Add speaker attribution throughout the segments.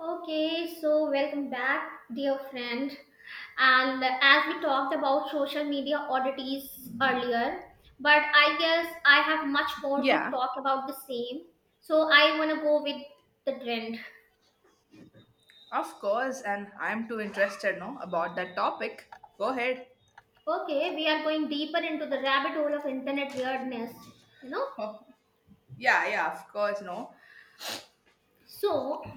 Speaker 1: Okay, so welcome back, dear friend. And as we talked about social media oddities earlier, but I guess I have much more to
Speaker 2: Yeah,
Speaker 1: talk about the same. So I want to go with the trend.
Speaker 2: of course, and I'm too interested, no, about that topic. Go ahead.
Speaker 1: Okay, we are going deeper into the rabbit hole of internet weirdness, you know?
Speaker 2: Oh, yeah, yeah, of course, no.
Speaker 1: So,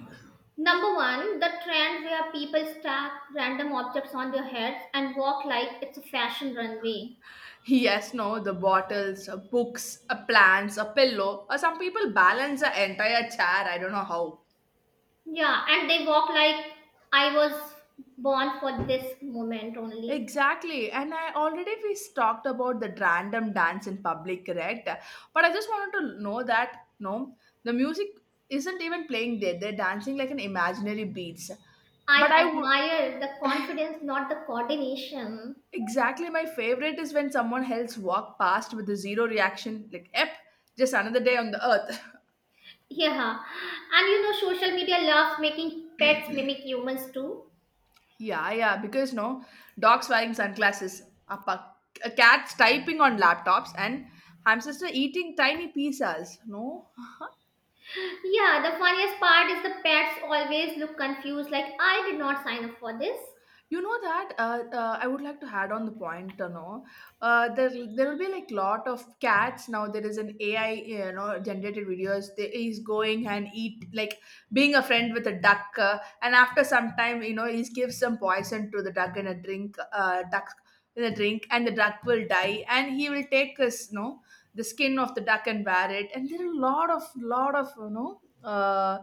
Speaker 1: number one, the trend where people stack random objects on their heads and walk like it's a fashion runway.
Speaker 2: Yes, no, the bottles, books, a plants, a pillow, or some people balance the entire chair. I don't know how.
Speaker 1: Yeah, and they walk like I was born for this moment only.
Speaker 2: Exactly, and I already we talked about the random dance in public, correct? But I just wanted to know that no, the music isn't even playing there. They're dancing like an imaginary beats. But
Speaker 1: I
Speaker 2: I would.
Speaker 1: admire the confidence, not the coordination.
Speaker 2: Exactly, my favorite is when someone else walk past with a zero reaction, like "Ep, just another day on the earth."
Speaker 1: Yeah, and you know, social media loves making pets mimic humans too.
Speaker 2: Yeah, yeah, because no, dogs wearing sunglasses, a cat typing on laptops, and hamster eating tiny pizzas. No,
Speaker 1: Yeah, the funniest part is the pets always look confused, like I did not sign up for this.
Speaker 2: you know that. I would like to add on the point. You know, there will be like lot of cats now. There is an AI, you know, generated videos. There is going and eat like being a friend with a duck. And after some time you know he gives some poison to the duck in a drink and the duck will die and he will take his, you know, the skin of the duck and wear it, and there are a lot of you know uh,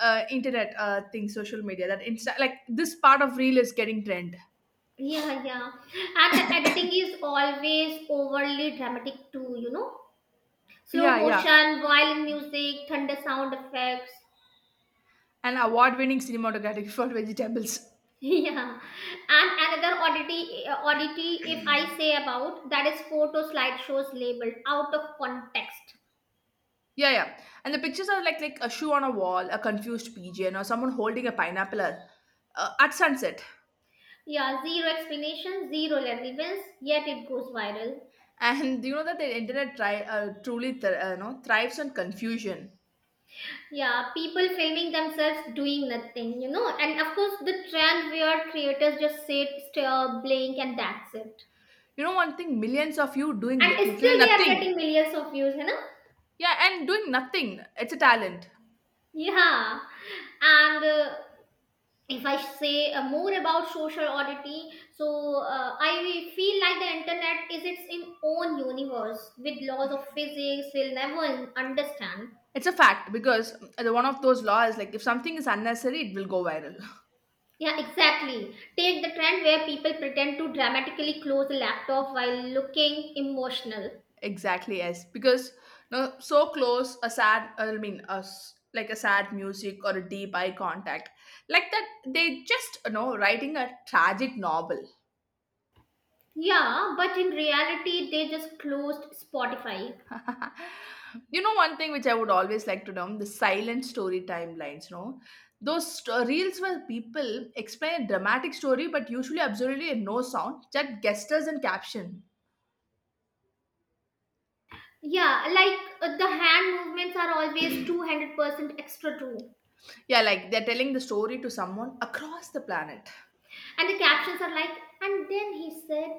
Speaker 2: uh, internet things, social media like this part of reel is getting trend.
Speaker 1: Yeah, yeah. And the editing is always overly dramatic too, you know. Slow
Speaker 2: Yeah, yeah,
Speaker 1: motion, violin music, thunder sound effects.
Speaker 2: and award-winning cinematography for vegetables.
Speaker 1: Yeah, and another oddity, if I say about that is photo slideshows labeled out of context.
Speaker 2: Yeah, yeah, and the pictures are like a shoe on a wall, a confused pigeon, or someone holding a pineapple at sunset.
Speaker 1: Yeah, zero explanation, zero relevance, yet it goes viral.
Speaker 2: And do you know that the internet no, thrives on confusion?
Speaker 1: Yeah, people filming themselves doing nothing, you know, and of course the trend where creators just sit, stare, blink, and that's it.
Speaker 2: You know, one thing, millions of you doing
Speaker 1: And
Speaker 2: literally
Speaker 1: still they are
Speaker 2: nothing.
Speaker 1: getting millions of views, you know.
Speaker 2: Yeah, and doing nothing. It's a talent.
Speaker 1: Yeah, and if I say more about social oddity, so I feel like the internet is its in own universe with laws of physics we'll never understand.
Speaker 2: It's a fact because the one of those laws, like if something is unnecessary, it will go viral.
Speaker 1: Yeah, exactly. Take the trend where people pretend to dramatically close the laptop while looking emotional.
Speaker 2: Exactly, yes. Because no, so close, a sad, I mean, like a sad music or a deep eye contact. Like that, they just, writing a tragic novel.
Speaker 1: Yeah, but in reality, they just closed Spotify.
Speaker 2: You know one thing which I would always like to know, the silent story timelines. Those reels where people explain a dramatic story but usually absolutely no sound, just gestures and caption.
Speaker 1: Yeah, like the hand movements are always 200% extra true.
Speaker 2: Yeah, like they're telling the story to someone across the planet.
Speaker 1: And the captions are like, and then he said.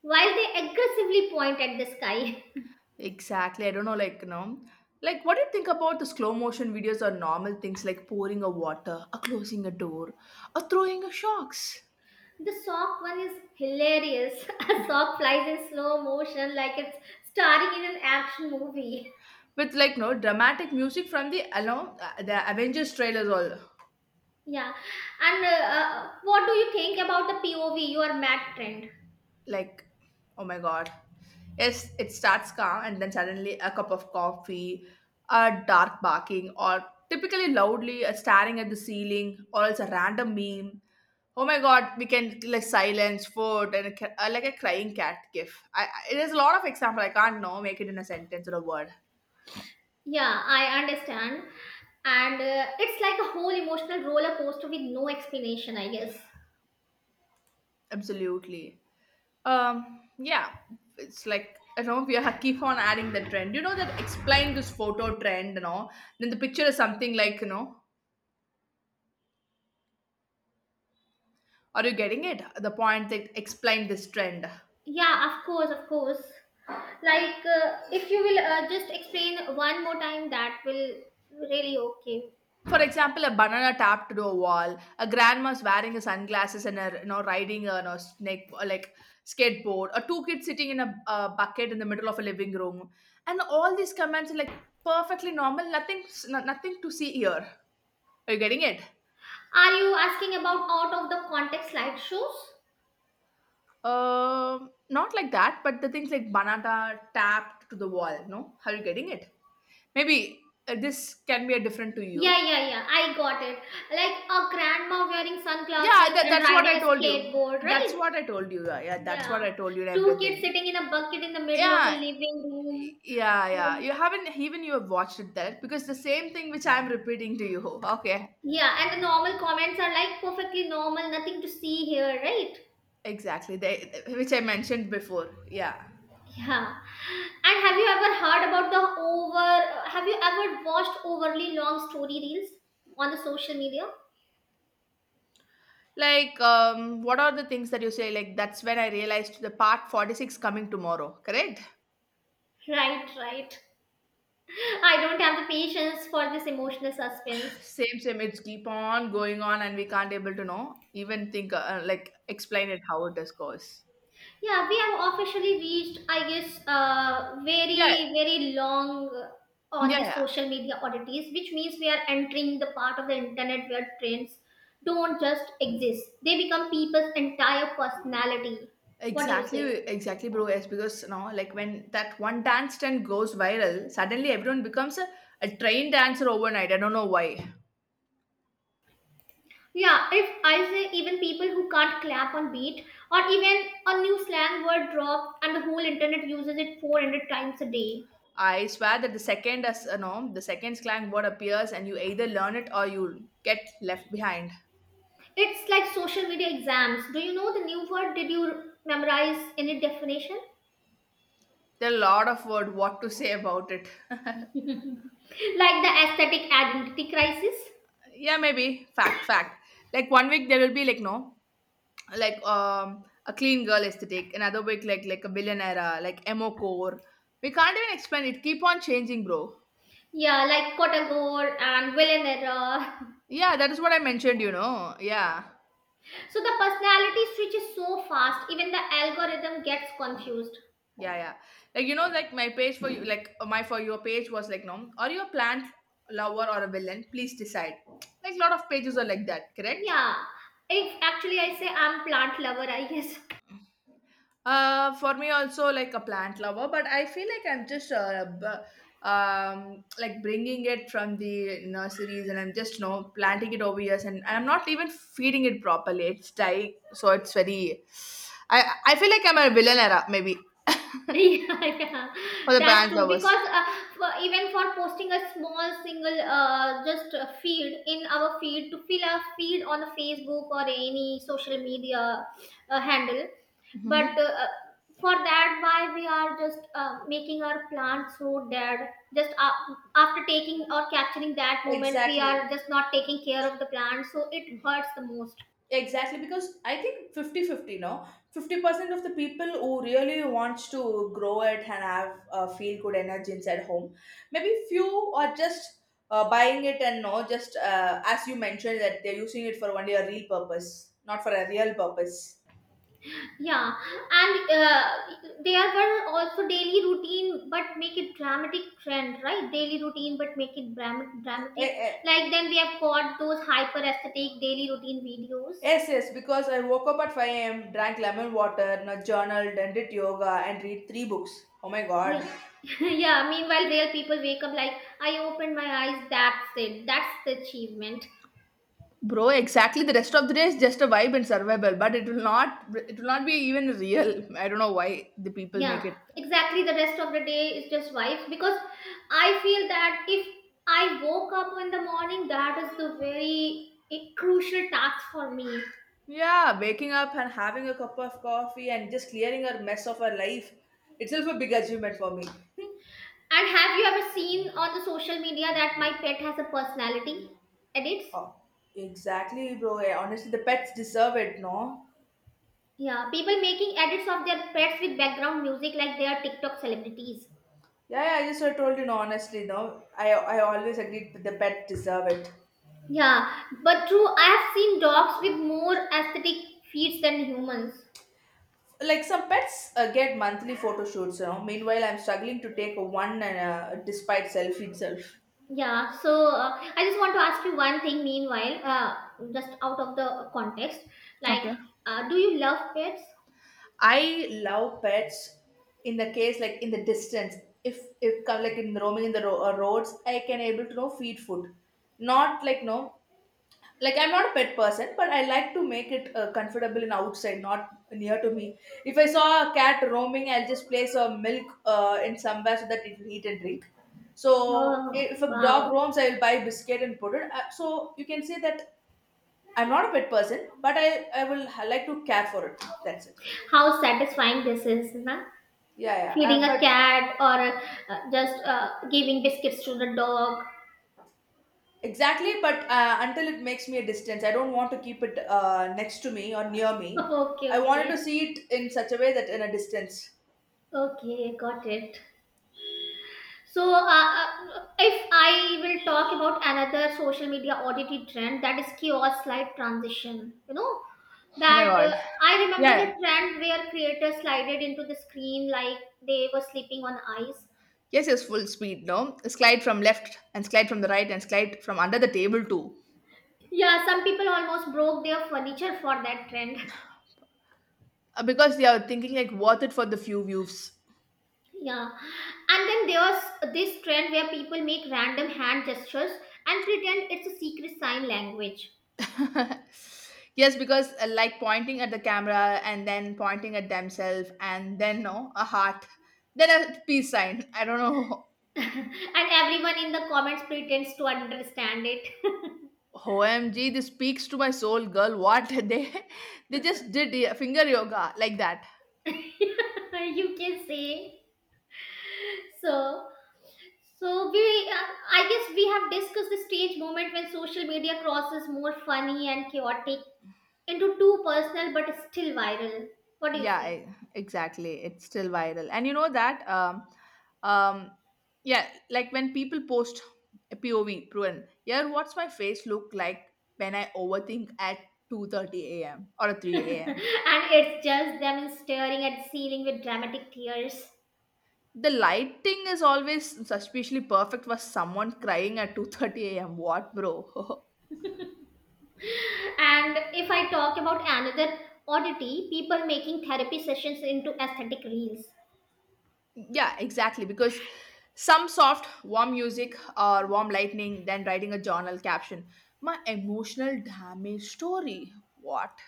Speaker 1: While they aggressively point at the sky.
Speaker 2: Exactly, I don't know, like like what do you think about the slow motion videos or normal things like pouring a water or closing a door or throwing a shocks
Speaker 1: The sock one is hilarious. A sock flies in slow motion like it's starring in an action movie.
Speaker 2: with like no dramatic music from the along the Avengers trailers all.
Speaker 1: Yeah. And what do you think about the POV, your mat trend?
Speaker 2: Like, oh my god, yes, it starts calm and then suddenly a cup of coffee, a dark barking, or typically loudly staring at the ceiling or else a random meme. Oh my god, we can like silence food and like a crying cat gif. There's a lot of example I can't know make it in a sentence or a word.
Speaker 1: Yeah, I understand. And it's like a whole emotional roller coaster with no explanation, I guess.
Speaker 2: Absolutely. Yeah, it's like I know we are keep on adding the trend. You know that explain this photo trend, you know. Then the picture is something like, you know. Are you getting it? The point that explained this trend.
Speaker 1: Yeah, of course, of course. Like, if you will just explain one more time, that will really okay.
Speaker 2: For example, a banana tapped to a wall, a grandma's wearing a sunglasses and a, you know, riding a snake, or like skateboard, or two kids sitting in a bucket in the middle of a living room, and all these comments are like perfectly normal. Nothing, nothing to see here. Are you getting it?
Speaker 1: Are you asking about out of the context slideshows?
Speaker 2: Not like that, but the things like banana tapped to the wall. No, are you getting it? Maybe this can be a different to you.
Speaker 1: Yeah, yeah, yeah. I got it. Like a grandma wearing
Speaker 2: Yeah,
Speaker 1: sunglasses and
Speaker 2: that's what
Speaker 1: riding a
Speaker 2: I told you.
Speaker 1: skateboard,
Speaker 2: That's
Speaker 1: right?
Speaker 2: what I told you. Yeah, yeah, that's what
Speaker 1: Yeah.
Speaker 2: I told you and
Speaker 1: Two kids
Speaker 2: everything.
Speaker 1: sitting in a bucket in the middle of a
Speaker 2: Yeah,
Speaker 1: living room.
Speaker 2: yeah, yeah.
Speaker 1: So,
Speaker 2: You haven't even You have watched it there because the same thing which I'm repeating to you. Okay,
Speaker 1: yeah, and the normal comments are like perfectly normal, nothing to see here, right?
Speaker 2: exactly. They, which I mentioned before. Yeah.
Speaker 1: Yeah. And have you ever heard about have you ever watched overly long story reels on the social media?
Speaker 2: Like, what are the things that you say? Like, that's when I realized the part 46 coming tomorrow, correct?
Speaker 1: Right, right. I don't have the patience for this emotional suspense.
Speaker 2: Same, same. It's keep on going on and we can't able to know, even think, like, explain it how it is goes.
Speaker 1: Yeah, we have officially reached, I guess,
Speaker 2: Yeah,
Speaker 1: very, very long on the
Speaker 2: yeah.
Speaker 1: social media oddities, which means we are entering the part of the internet where trends don't just exist, they become people's entire personality. What do you
Speaker 2: Exactly,
Speaker 1: say?
Speaker 2: exactly, bro. Yes, because now, like when that one dance trend goes viral, suddenly everyone becomes a train dancer overnight. I don't know why.
Speaker 1: Yeah, if I say even people who can't clap on beat, or even a new slang word drops and the whole internet uses it 400 times a day.
Speaker 2: I swear that the second, as you know, the second slang word appears, and you either learn it, or you'll get left behind.
Speaker 1: It's like social media exams. Do you know the new word? Did you memorize any definition?
Speaker 2: There are a lot of word what to say about it.
Speaker 1: Like the aesthetic identity crisis?
Speaker 2: Yeah, maybe fact, fact. Like one week there will be like no, like a clean girl aesthetic. Another week like a billionaire, like emo core. We can't even explain it. Keep on changing, bro.
Speaker 1: Yeah, like Kotagore and Villanera.
Speaker 2: Yeah, that is what I mentioned. Yeah.
Speaker 1: So the personality switches so fast, even the algorithm gets confused.
Speaker 2: Yeah, yeah. Like you know, like my page for you like my for your page was like, no, are you a plant lover or a villain? Please decide. Like a lot of pages are like that, correct?
Speaker 1: Yeah, if actually I say I'm plant lover, I guess.
Speaker 2: For me also like a plant lover, but I feel like I'm just like bringing it from the nurseries, and I'm just planting it over years and I'm not even feeding it properly. It's dying, so it's very. I feel like I'm a villain era maybe
Speaker 1: Yeah, yeah,
Speaker 2: for the
Speaker 1: that's
Speaker 2: plant
Speaker 1: true.
Speaker 2: lovers.
Speaker 1: Because for, even for posting a small single just a feed in our feed to fill our feed on Facebook or any social media handle, but
Speaker 2: Hmm.
Speaker 1: for that, why we are just making our plan so that just after taking or capturing that moment, we
Speaker 2: Exactly.
Speaker 1: are just not taking care of the plant, so it hurts the most.
Speaker 2: Exactly. Because I think fifty-fifty. 50, no? 50% of the people who really wants to grow it and have feel good energy inside home, maybe few are just buying it and no, just as you mentioned, that they're using it for only a real purpose, not for a real purpose.
Speaker 1: Yeah, and there were also daily routine, but make it dramatic trend, right? Daily routine, but make it
Speaker 2: Eh,
Speaker 1: dramatic.
Speaker 2: eh.
Speaker 1: Like then we have got those hyper aesthetic daily routine videos.
Speaker 2: Yes, yes, because I woke up at 5 a.m., drank lemon water, no, journaled, and did yoga and read three books. Oh my god.
Speaker 1: Yeah, yeah. Meanwhile, real people wake up like I opened my eyes. That's it. That's the achievement.
Speaker 2: Bro, exactly. The rest of the day is just a vibe and survival, but it will not. It will not be even real. I don't know why the people
Speaker 1: Yeah,
Speaker 2: make it.
Speaker 1: exactly. The rest of the day is just wife because I feel that if I woke up in the morning, that is the very a crucial task for me.
Speaker 2: Yeah, waking up and having a cup of coffee and just clearing our mess of our life itself a big achievement for me.
Speaker 1: And have you ever seen on the social media that my pet has a personality? Edits?
Speaker 2: Oh, exactly, bro. Honestly, the pets deserve it, no?
Speaker 1: Yeah, people making edits of their pets with background music like they are TikTok celebrities.
Speaker 2: Yeah, yeah. I told you, no. Honestly, no. I always agreed that the pet deserve it.
Speaker 1: Yeah, but true, I have seen dogs with more aesthetic feats than humans.
Speaker 2: Like some pets get monthly photo shoots. You know? Meanwhile, I'm struggling to take a one and despite selfie itself.
Speaker 1: Yeah, so I just want to ask you one thing meanwhile, just out of the context. Like,
Speaker 2: Okay.
Speaker 1: do you love pets?
Speaker 2: I love pets in the case like in the distance. If it come like in roaming in the roads, I can able to know feed food. Not like no, like I'm not a pet person, but I like to make it comfortable in outside, not near to me. If I saw a cat roaming, I'll just place a milk in somewhere so that it will eat and drink. So
Speaker 1: Oh,
Speaker 2: if a dog
Speaker 1: wow.
Speaker 2: roams, I will buy biscuit and put it. So you can say that I'm not a pet person, but I will like to care for it. That's it.
Speaker 1: How satisfying this is, na?
Speaker 2: Yeah, yeah.
Speaker 1: Feeding
Speaker 2: But
Speaker 1: a cat or just giving biscuits to the dog.
Speaker 2: exactly, but until it makes me a distance, I don't want to keep it next to me or near me.
Speaker 1: Okay,
Speaker 2: I wanted to
Speaker 1: okay.
Speaker 2: see it in such a way that in a distance.
Speaker 1: Okay, got it. So, if I will talk about another social media oddity trend, that is kiosk slide transition. You know,
Speaker 2: Oh my
Speaker 1: that
Speaker 2: god.
Speaker 1: I remember the
Speaker 2: Yeah.
Speaker 1: trend where creators slided into the screen like they were sleeping on ice.
Speaker 2: Yes, yes, full speed, no? Slide from left and slide from the right and slide from under the table too.
Speaker 1: Yeah, some people almost broke their furniture for that trend.
Speaker 2: Because they are thinking like worth it for the few views.
Speaker 1: Yeah, and then there was this trend where people make random hand gestures and pretend it's a secret sign language,
Speaker 2: Yes, because like pointing at the camera and then pointing at themselves and then no, a heart. Then a peace sign. I don't know.
Speaker 1: and everyone in the comments pretends to understand it.
Speaker 2: OMG, this speaks to my soul, girl. What, they just did, yeah, finger yoga like that.
Speaker 1: You can say so. So I guess we have discussed the strange moment when social media crosses more funny and chaotic into too personal but still viral. What do you
Speaker 2: Yeah,
Speaker 1: say?
Speaker 2: exactly. It's still viral. And you know that um yeah, like when people post a POV proven, yeah, what's my face look like when I overthink at 2:30 a.m. or 3
Speaker 1: and
Speaker 2: a.m.
Speaker 1: it's just them staring at the ceiling with dramatic tears.
Speaker 2: The lighting is always suspiciously perfect for someone crying at 2:30 a.m. What, bro?
Speaker 1: And if I talk about another oddity, people making therapy sessions into aesthetic reels.
Speaker 2: Yeah, exactly. Because some soft, warm music or warm lightning, then writing a journal caption. My emotional damage story. What?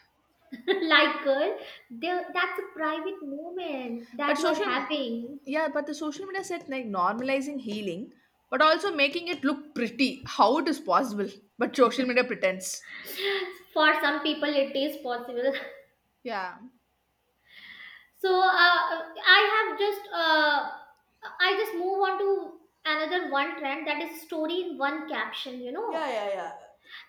Speaker 1: like, girl, that's a private moment that
Speaker 2: But
Speaker 1: you are
Speaker 2: social,
Speaker 1: having.
Speaker 2: yeah, but the social media said like normalizing healing, but also making it look pretty. How it is possible? But social media pretends.
Speaker 1: For some people, it is possible.
Speaker 2: Yeah.
Speaker 1: So, I just move on to another one trend that is story in one caption, you know.
Speaker 2: Yeah, yeah, yeah.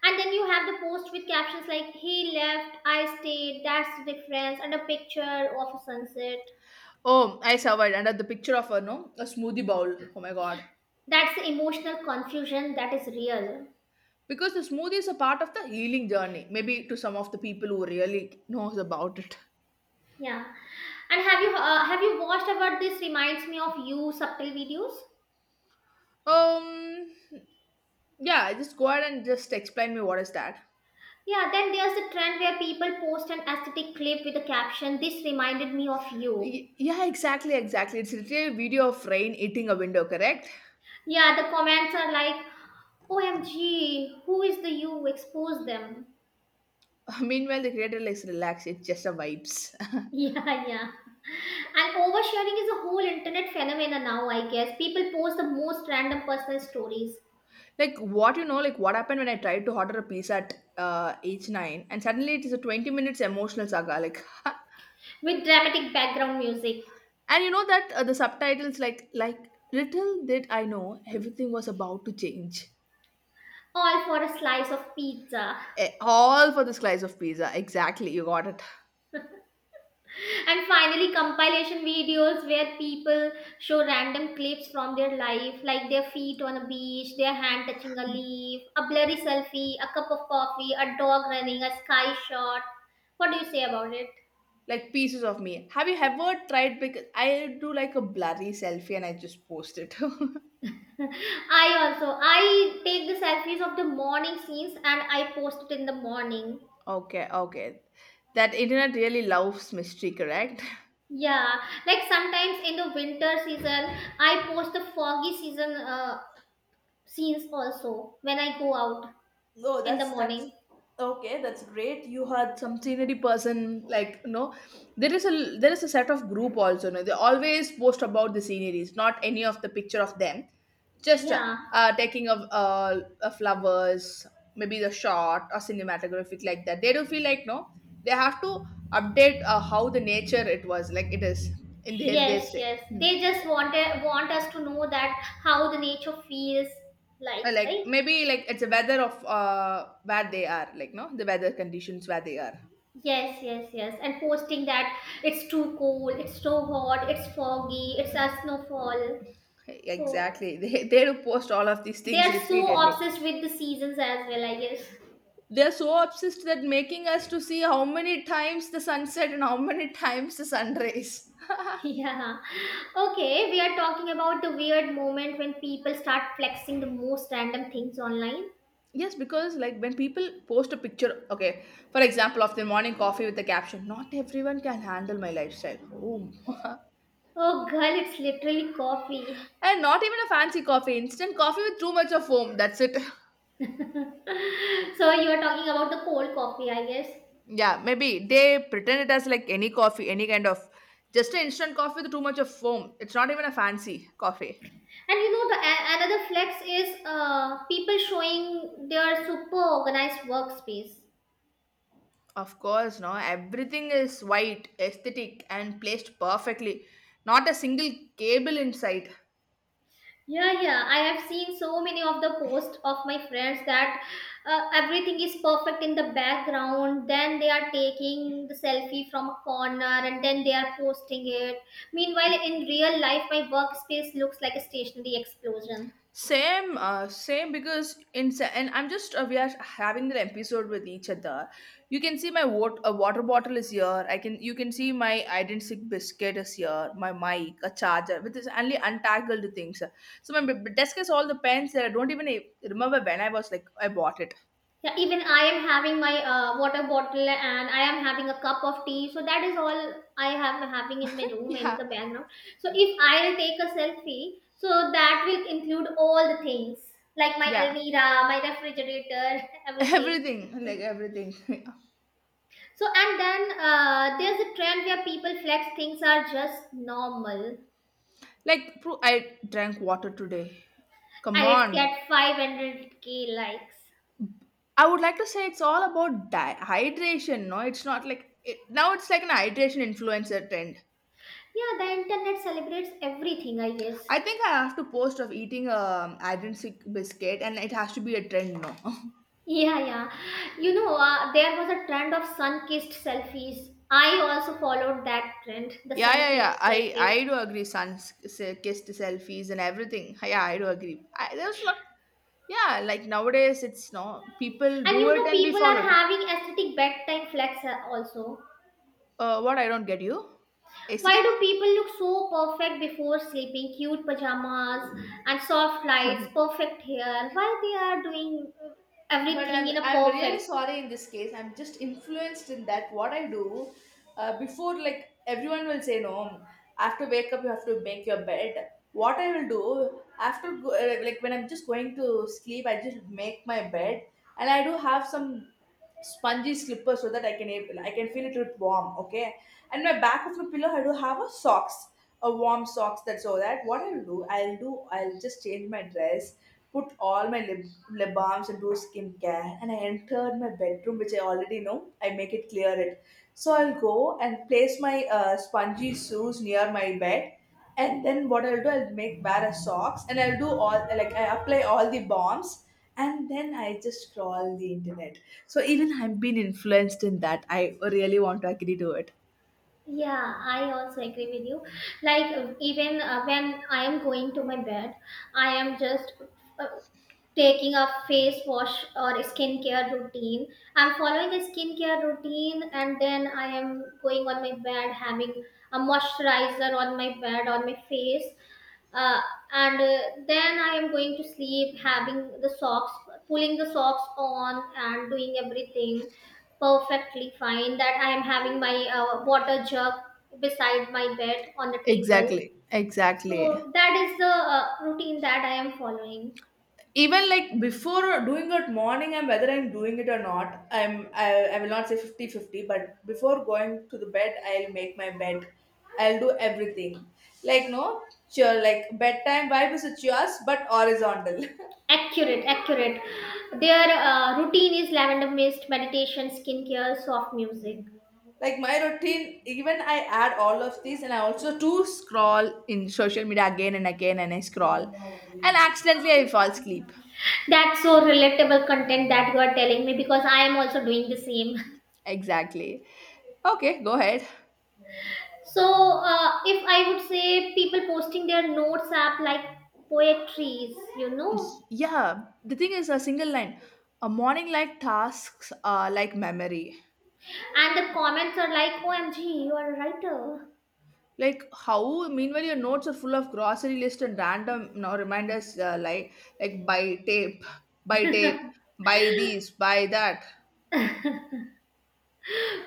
Speaker 1: And then you have the post with captions like, he left, I stayed, that's the difference, and a picture of a sunset.
Speaker 2: Oh, I survived. And the picture of a no, a smoothie bowl. Oh my god.
Speaker 1: That's the emotional confusion that is real.
Speaker 2: Because the smoothie is a part of the healing journey. Maybe to some of the people who really knows about it.
Speaker 1: Yeah. And have you watched about this reminds me of you subtle videos?
Speaker 2: Um, yeah, just go ahead and just explain me what is that.
Speaker 1: Yeah, then there's a trend where people post an aesthetic clip with a caption, this reminded me of you.
Speaker 2: Yeah, exactly, exactly. It's literally a video of rain eating a window, correct?
Speaker 1: Yeah, the comments are like, OMG, who is the you? Expose them.
Speaker 2: Meanwhile, the creator likes relax. It's just a vibes.
Speaker 1: Yeah, yeah. And oversharing is a whole internet phenomenon now, I guess. People post the most random personal stories
Speaker 2: Like what you know, like what happened when I tried to order a pizza at age nine, and suddenly it is a 20 minutes emotional saga. Like,
Speaker 1: with dramatic background music,
Speaker 2: and you know that the subtitles like little did I know everything was about to change.
Speaker 1: all for a slice of pizza.
Speaker 2: Eh, all for the slice of pizza. Exactly, you got it.
Speaker 1: And finally, compilation videos where people show random clips from their life, like their feet on a beach, their hand touching a leaf, a blurry selfie, a cup of coffee, a dog running, a sky shot. What do you say about it?
Speaker 2: Like pieces of me. Have you ever tried? Because I do like a blurry selfie and I just post it.
Speaker 1: I also I take the selfies of the morning scenes and I post it in the morning.
Speaker 2: Okay. That internet really loves mystery, correct?
Speaker 1: Yeah, like sometimes in the winter season, I post the foggy season scenes also when I go out
Speaker 2: No,
Speaker 1: in the
Speaker 2: that's
Speaker 1: morning.
Speaker 2: okay. That's great. You had some scenery person like, there is a set of group also. No, they always post about the sceneries, not any of the picture of them. Just uh,
Speaker 1: Yeah.
Speaker 2: uh taking of flowers, maybe the shot or cinematographic like that. They do feel like no, they have to update how the nature it was like it is in their they
Speaker 1: Yes,
Speaker 2: say.
Speaker 1: yes.
Speaker 2: Hmm.
Speaker 1: They just want us to know that how the nature feels like,
Speaker 2: Like
Speaker 1: right?
Speaker 2: maybe like it's a weather of where they are like no the weather conditions where they are.
Speaker 1: Yes, yes, yes. And posting that it's too cold, it's so hot, it's foggy, it's a snowfall. So
Speaker 2: Exactly. They do post all of these
Speaker 1: they
Speaker 2: things
Speaker 1: are so
Speaker 2: repeatedly.
Speaker 1: obsessed with the seasons as well, I guess.
Speaker 2: They're so obsessed that making us to see how many times the sunset and how many times the sunrise.
Speaker 1: Yeah. Okay, we are talking about the weird moment when people start flexing the most random things online.
Speaker 2: Yes, because like when people post a picture, okay, for example, of their morning coffee with the caption, "Not everyone can handle my lifestyle." Boom.
Speaker 1: Oh, girl, it's literally coffee.
Speaker 2: And not even a fancy coffee, instant coffee with too much of foam. That's it.
Speaker 1: So you are talking about the cold coffee, I guess.
Speaker 2: Yeah, maybe they pretend it as like any coffee, any kind of just an instant coffee with too much of foam. It's not even a fancy coffee.
Speaker 1: And you know another flex is people showing their super organized workspace.
Speaker 2: Of course, no. Everything is white, aesthetic, and placed perfectly. Not a single cable in sight.
Speaker 1: Yeah, yeah, I have seen so many of the posts of my friends that everything is perfect in the background. Then they are taking the selfie from a corner and then they are posting it. Meanwhile, in real life, my workspace looks like a stationary explosion.
Speaker 2: Same because in sa- and I'm just we are having the episode with each other. You can see my a water bottle is here. I can you can see my identic biscuit is here. My mic, a charger with this only untangled things. So my desk has all the pens that I don't even remember when I was like I bought it.
Speaker 1: Yeah, even I am having my water bottle and I am having a cup of tea. So that is all I have having in my room in
Speaker 2: Yeah,
Speaker 1: the background. So if I'll take a selfie, so that will include all the things like my
Speaker 2: yeah,
Speaker 1: almira, my refrigerator, everything.
Speaker 2: everything like everything.
Speaker 1: So and then there's a trend where people flex things are just normal
Speaker 2: Like, bro, I drank water today. Come
Speaker 1: and it's
Speaker 2: on.
Speaker 1: get 500K likes.
Speaker 2: I would like to say it's all about hydration. No, it's not like it, now it's like an hydration influencer trend.
Speaker 1: Yeah, the internet celebrates everything, I guess.
Speaker 2: I think I have to post of eating a hydration biscuit, and it has to be a trend. No.
Speaker 1: Yeah, yeah. You know, there was a trend of sun-kissed selfies. I also followed that trend, the
Speaker 2: Yeah.
Speaker 1: sun-kissed
Speaker 2: I
Speaker 1: selfies.
Speaker 2: I do agree. Sun kissed selfies and everything. Yeah, I do agree. There's a lot. Yeah, like nowadays, it's no people
Speaker 1: And
Speaker 2: do
Speaker 1: you
Speaker 2: it
Speaker 1: know,
Speaker 2: and be
Speaker 1: people
Speaker 2: followed.
Speaker 1: are having aesthetic bedtime flex also.
Speaker 2: What I don't get you,
Speaker 1: Why do
Speaker 2: aesthetic.
Speaker 1: people look so perfect before sleeping? Cute pajamas and soft lights, perfect hair. Why they are doing
Speaker 2: But
Speaker 1: everything in
Speaker 2: I'm
Speaker 1: a
Speaker 2: I'm really
Speaker 1: perfect.
Speaker 2: sorry in this case. I'm just influenced in that what I do before like everyone will say no. After wake up, you have to make your bed. What I will do after go, like when I'm just going to sleep, I just make my bed and I do have some spongy slippers so that I can feel it with warm. Okay, and my back of the pillow I do have a socks, a warm socks. That so that. What I'll do, I'll just change my dress, put all my lip balms into skincare and I entered my bedroom, which I already know. I make it clear it. So I'll go and place my spongy shoes near my bed. And then what I'll do, I'll make wear a socks and I'll do all like I apply all the bombs and then I just scroll the internet. So even I've been influenced in that. I really want to agree to it.
Speaker 1: Yeah, I also agree with you. Like even when I am going to my bed, I am just uh, taking a face wash or skincare routine. I'm following a skincare routine and then I am going on my bed having a moisturizer on my bed on my face. Uh, and then I am going to sleep having the socks, pulling the socks on and doing everything perfectly fine that I am having my water jug beside my bed on the table.
Speaker 2: Exactly, exactly.
Speaker 1: So that is the routine that I am following.
Speaker 2: Even like before doing it morning and whether I'm doing it or not I will not say 50/50, but before going to the bed I'll make my bed, I'll do everything like no sure, like bedtime vibe is with yours but horizontal.
Speaker 1: Accurate, accurate. Their routine is lavender mist, meditation, skincare, soft music.
Speaker 2: Like my routine, even I add all of these and I also too scroll in social media again and again, and I scroll and accidentally I fall asleep.
Speaker 1: That's so relatable content that you are telling me because I am also doing the same.
Speaker 2: Exactly. Okay, go ahead.
Speaker 1: So, if I would say people posting their notes app like poetries.
Speaker 2: Yeah, the thing is a single line, a morning like tasks are like memory,
Speaker 1: And the comments are like, OMG, you are a writer.
Speaker 2: like how meanwhile your notes are full of grocery list and random, you know, reminders like buy tape, buy tape, buy these, buy that.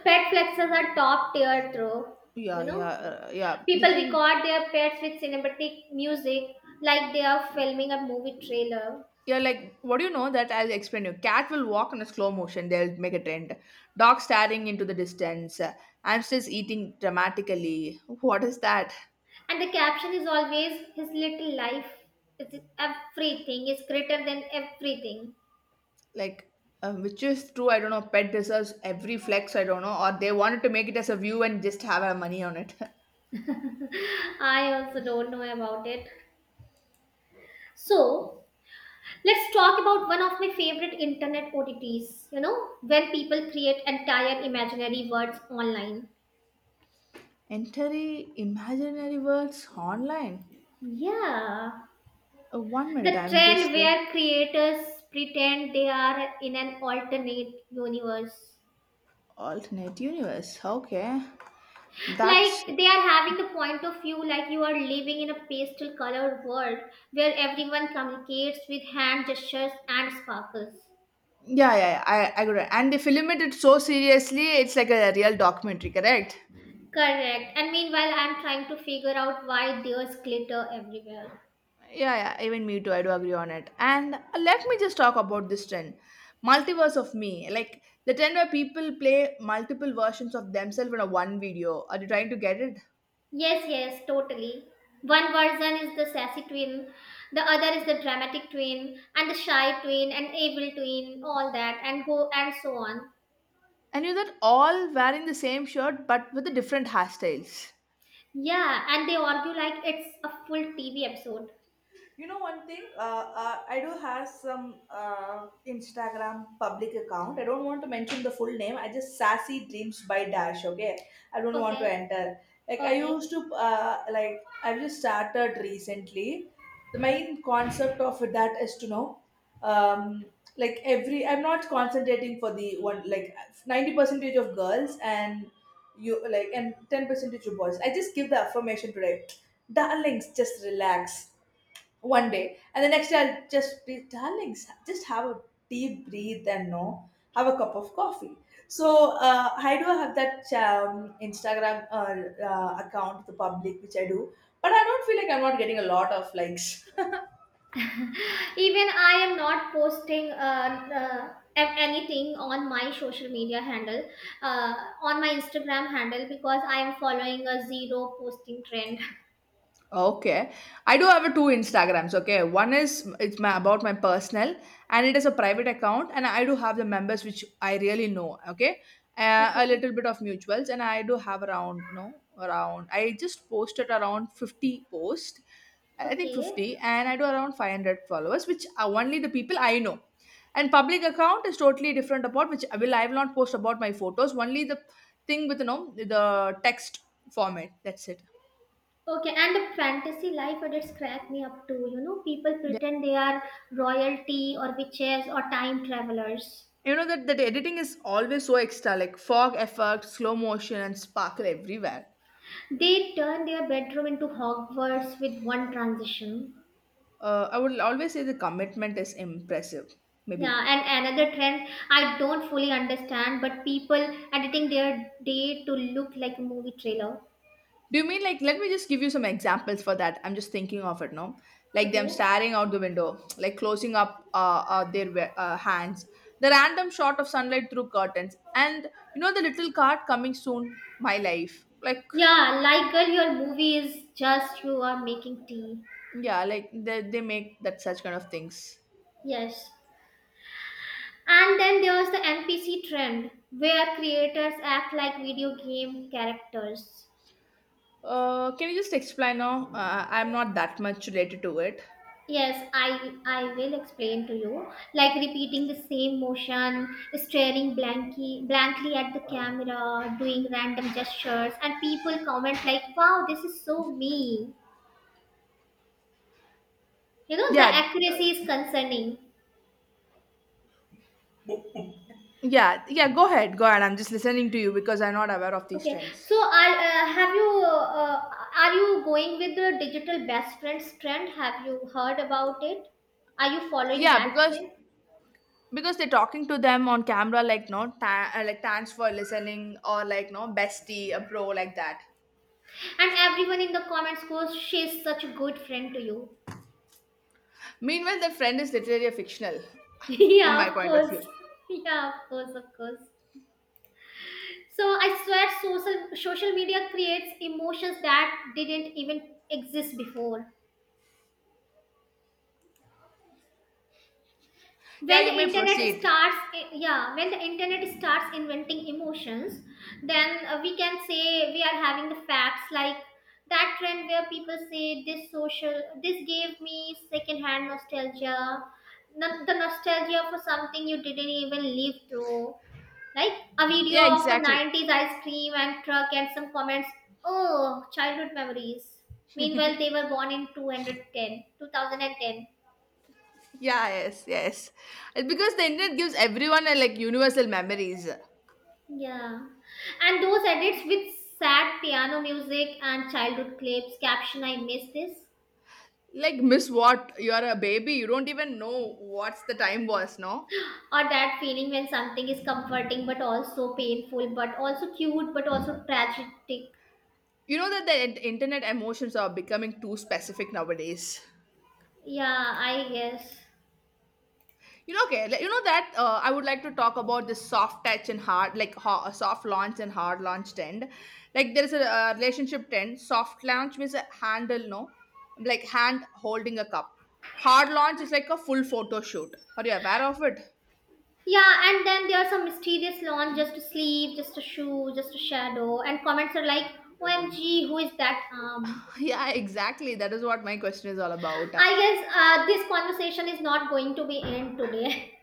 Speaker 1: Pet flexes are top tier, though. You
Speaker 2: yeah
Speaker 1: know,
Speaker 2: yeah uh, yeah the
Speaker 1: people
Speaker 2: thing
Speaker 1: record their pets with cinematic music like they are filming a movie trailer.
Speaker 2: Yeah, like what do you know, that I'll explain you, cat will walk in a slow motion, they'll make a trend, dog staring into the distance, hamsters eating dramatically, what is that?
Speaker 1: And the caption is always his little life. It's everything is greater than everything.
Speaker 2: Like which is true, I don't know, pet deserves every flex, I don't know, or they wanted to make it as a view and just have our money on it.
Speaker 1: I also don't know about it. So let's talk about one of my favorite internet OTTs, you know, when people create entire imaginary words online.
Speaker 2: Entering imaginary worlds online.
Speaker 1: Yeah,
Speaker 2: One minute
Speaker 1: the
Speaker 2: I'm
Speaker 1: trend
Speaker 2: just
Speaker 1: where creators pretend they are in an alternate universe.
Speaker 2: Alternate universe, okay. that's
Speaker 1: Like they are having the point of view like you are living in a pastel colored world where everyone communicates with hand gestures and sparkles.
Speaker 2: Yeah, yeah, I got it, and they you it so seriously, it's like a real documentary, correct?
Speaker 1: Correct. And meanwhile, I'm trying to figure out why there's glitter everywhere.
Speaker 2: Yeah, yeah, even me too. I do agree on it. And let me just talk about this trend, multiverse of me. Like the trend where people play multiple versions of themselves in a one video. Are you trying to get it?
Speaker 1: Yes, yes, totally. One version is the sassy twin, the other is the dramatic twin, and the shy twin, and evil twin, all that, and go and so on.
Speaker 2: And you're that all wearing the same shirt but with the different hairstyles.
Speaker 1: Yeah, and they argue like it's a full TV episode.
Speaker 2: You know one thing, I do have some Instagram public account. I don't want to mention the full name. I just Sassy Dreams by Dash. Okay, I don't want
Speaker 1: Okay,
Speaker 2: to enter.
Speaker 1: okay.
Speaker 2: Like I've just started recently. The main concept of that is to know, um, like every I'm not concentrating for the one like 90 percentage of girls and you like and 10 percentage of boys. I just give the affirmation today, darlings. Just relax one day and the next day I'll just be darling just have a deep breathe and no have a cup of coffee. So I do have that Instagram account, the public, which I do but I don't feel like I'm not getting a lot of likes.
Speaker 1: Even I am not posting anything on my social media handle, uh, on my Instagram handle, because I am following a zero posting trend.
Speaker 2: Okay. I do have a two Instagrams. Okay. One is it's my about my personal, and it is a private account and I do have the members which I really know. Okay. A
Speaker 1: Okay,
Speaker 2: little bit of mutuals and I do have around no around I just posted around 50 posts. I think
Speaker 1: okay,
Speaker 2: 50, and I do around 500 followers which are only the people I know. And public account is totally different about which I will not post about my photos, only the thing with you know the text format. That's it.
Speaker 1: okay. And the fantasy life, but it's cracked me up too. You know, people pretend they are royalty or witches or time travelers.
Speaker 2: You know that, that editing is always so extra, like fog effect, slow motion, and sparkle everywhere.
Speaker 1: They turn their bedroom into Hogwarts with one transition.
Speaker 2: I would always say the commitment is impressive.
Speaker 1: Yeah,
Speaker 2: Maybe.
Speaker 1: and another trend I don't fully understand, but people editing their day to look like a movie trailer.
Speaker 2: Do you mean like? Let me just give you some examples for that. I'm just thinking of it now. Like them
Speaker 1: Okay.
Speaker 2: staring out the window, like closing up hands, the random shot of sunlight through curtains, and you know the little card coming soon. My life, like
Speaker 1: Yeah, like girl, your movie is just you are making tea.
Speaker 2: yeah, like they make that such kind of things.
Speaker 1: Yes. And then there's the NPC trend where creators act like video game characters.
Speaker 2: Can you just explain now? I'm not that much related to it.
Speaker 1: Yes, I will explain to you. Like repeating the same motion, staring blankly at the camera, doing random gestures, and people comment like, "Wow, this is so me." You know, the
Speaker 2: Yeah, uh,
Speaker 1: accuracy is concerning.
Speaker 2: yeah, yeah. Go ahead, go ahead. I'm just listening to you because I'm not aware of these
Speaker 1: Okay,
Speaker 2: trends.
Speaker 1: so are you going with the digital best friends trend? Have you heard about it? Are you following
Speaker 2: Yeah,
Speaker 1: that
Speaker 2: because
Speaker 1: trend?
Speaker 2: because they're talking to them on camera, like no, like thanks for listening, or like no, bestie, a bro, like that.
Speaker 1: And everyone in the comments goes, "She's such a good friend to you."
Speaker 2: Meanwhile, the friend is literally a fictional, in
Speaker 1: Yeah,
Speaker 2: my
Speaker 1: of
Speaker 2: point of
Speaker 1: course.
Speaker 2: view.
Speaker 1: Yeah, of course, of course. So I swear social media creates emotions that didn't even exist before.
Speaker 2: Yeah,
Speaker 1: When the
Speaker 2: you may
Speaker 1: internet
Speaker 2: proceed.
Speaker 1: starts eh, Yeah, when the internet starts inventing emotions, then we can say we are having the facts like that trend where people say this social, this gave me secondhand nostalgia. No- The nostalgia for something you didn't even live through, right? A video
Speaker 2: Yeah,
Speaker 1: of a
Speaker 2: exactly.
Speaker 1: 90s ice cream and truck and some comments. Oh, childhood memories. Meanwhile, they were born in 210, 2010.
Speaker 2: Yeah, yes, yes. It's because the internet gives everyone a like universal memories.
Speaker 1: Yeah. And those edits with sad piano music and childhood clips, caption I miss this.
Speaker 2: Like, miss what? You are a baby. You don't even know what's the time was, no?
Speaker 1: Or that feeling when something is comforting but also painful, but also cute, but also tragic.
Speaker 2: You know that the internet emotions are becoming too specific nowadays.
Speaker 1: Yeah, I guess.
Speaker 2: You know, okay, like, you know that I would like to talk about this soft touch and hard, like soft launch and hard launch trend. Like there is a relationship trend. Soft launch means a handle, no, like hand holding a cup. Hard launch is like a full photo shoot. Are you aware of it?
Speaker 1: Yeah, and then there are some mysterious launch, just a sleeve, just a shoe, just a shadow, and comments are like, OMG, who is that arm?
Speaker 2: Yeah, exactly. That is what my question is all about.
Speaker 1: I guess this conversation is not going to be end today.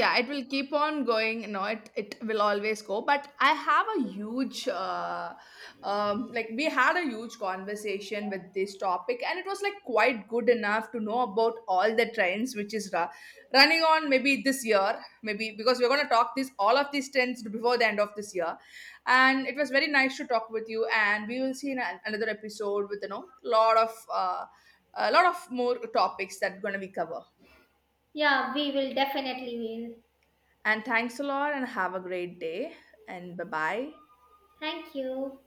Speaker 2: Yeah, it will keep on going. No, it will always go, but I have a huge like we had a huge conversation with this topic and it was like quite good enough to know about all the trends which is running on maybe this year, maybe because we're going to talk this all of these trends before the end of this year, and it was very nice to talk with you, and we will see in another episode with you know lot of a lot of more topics that going to be covered.
Speaker 1: Yeah, we will definitely will.
Speaker 2: And thanks a lot and have a great day. And bye bye.
Speaker 1: Thank you.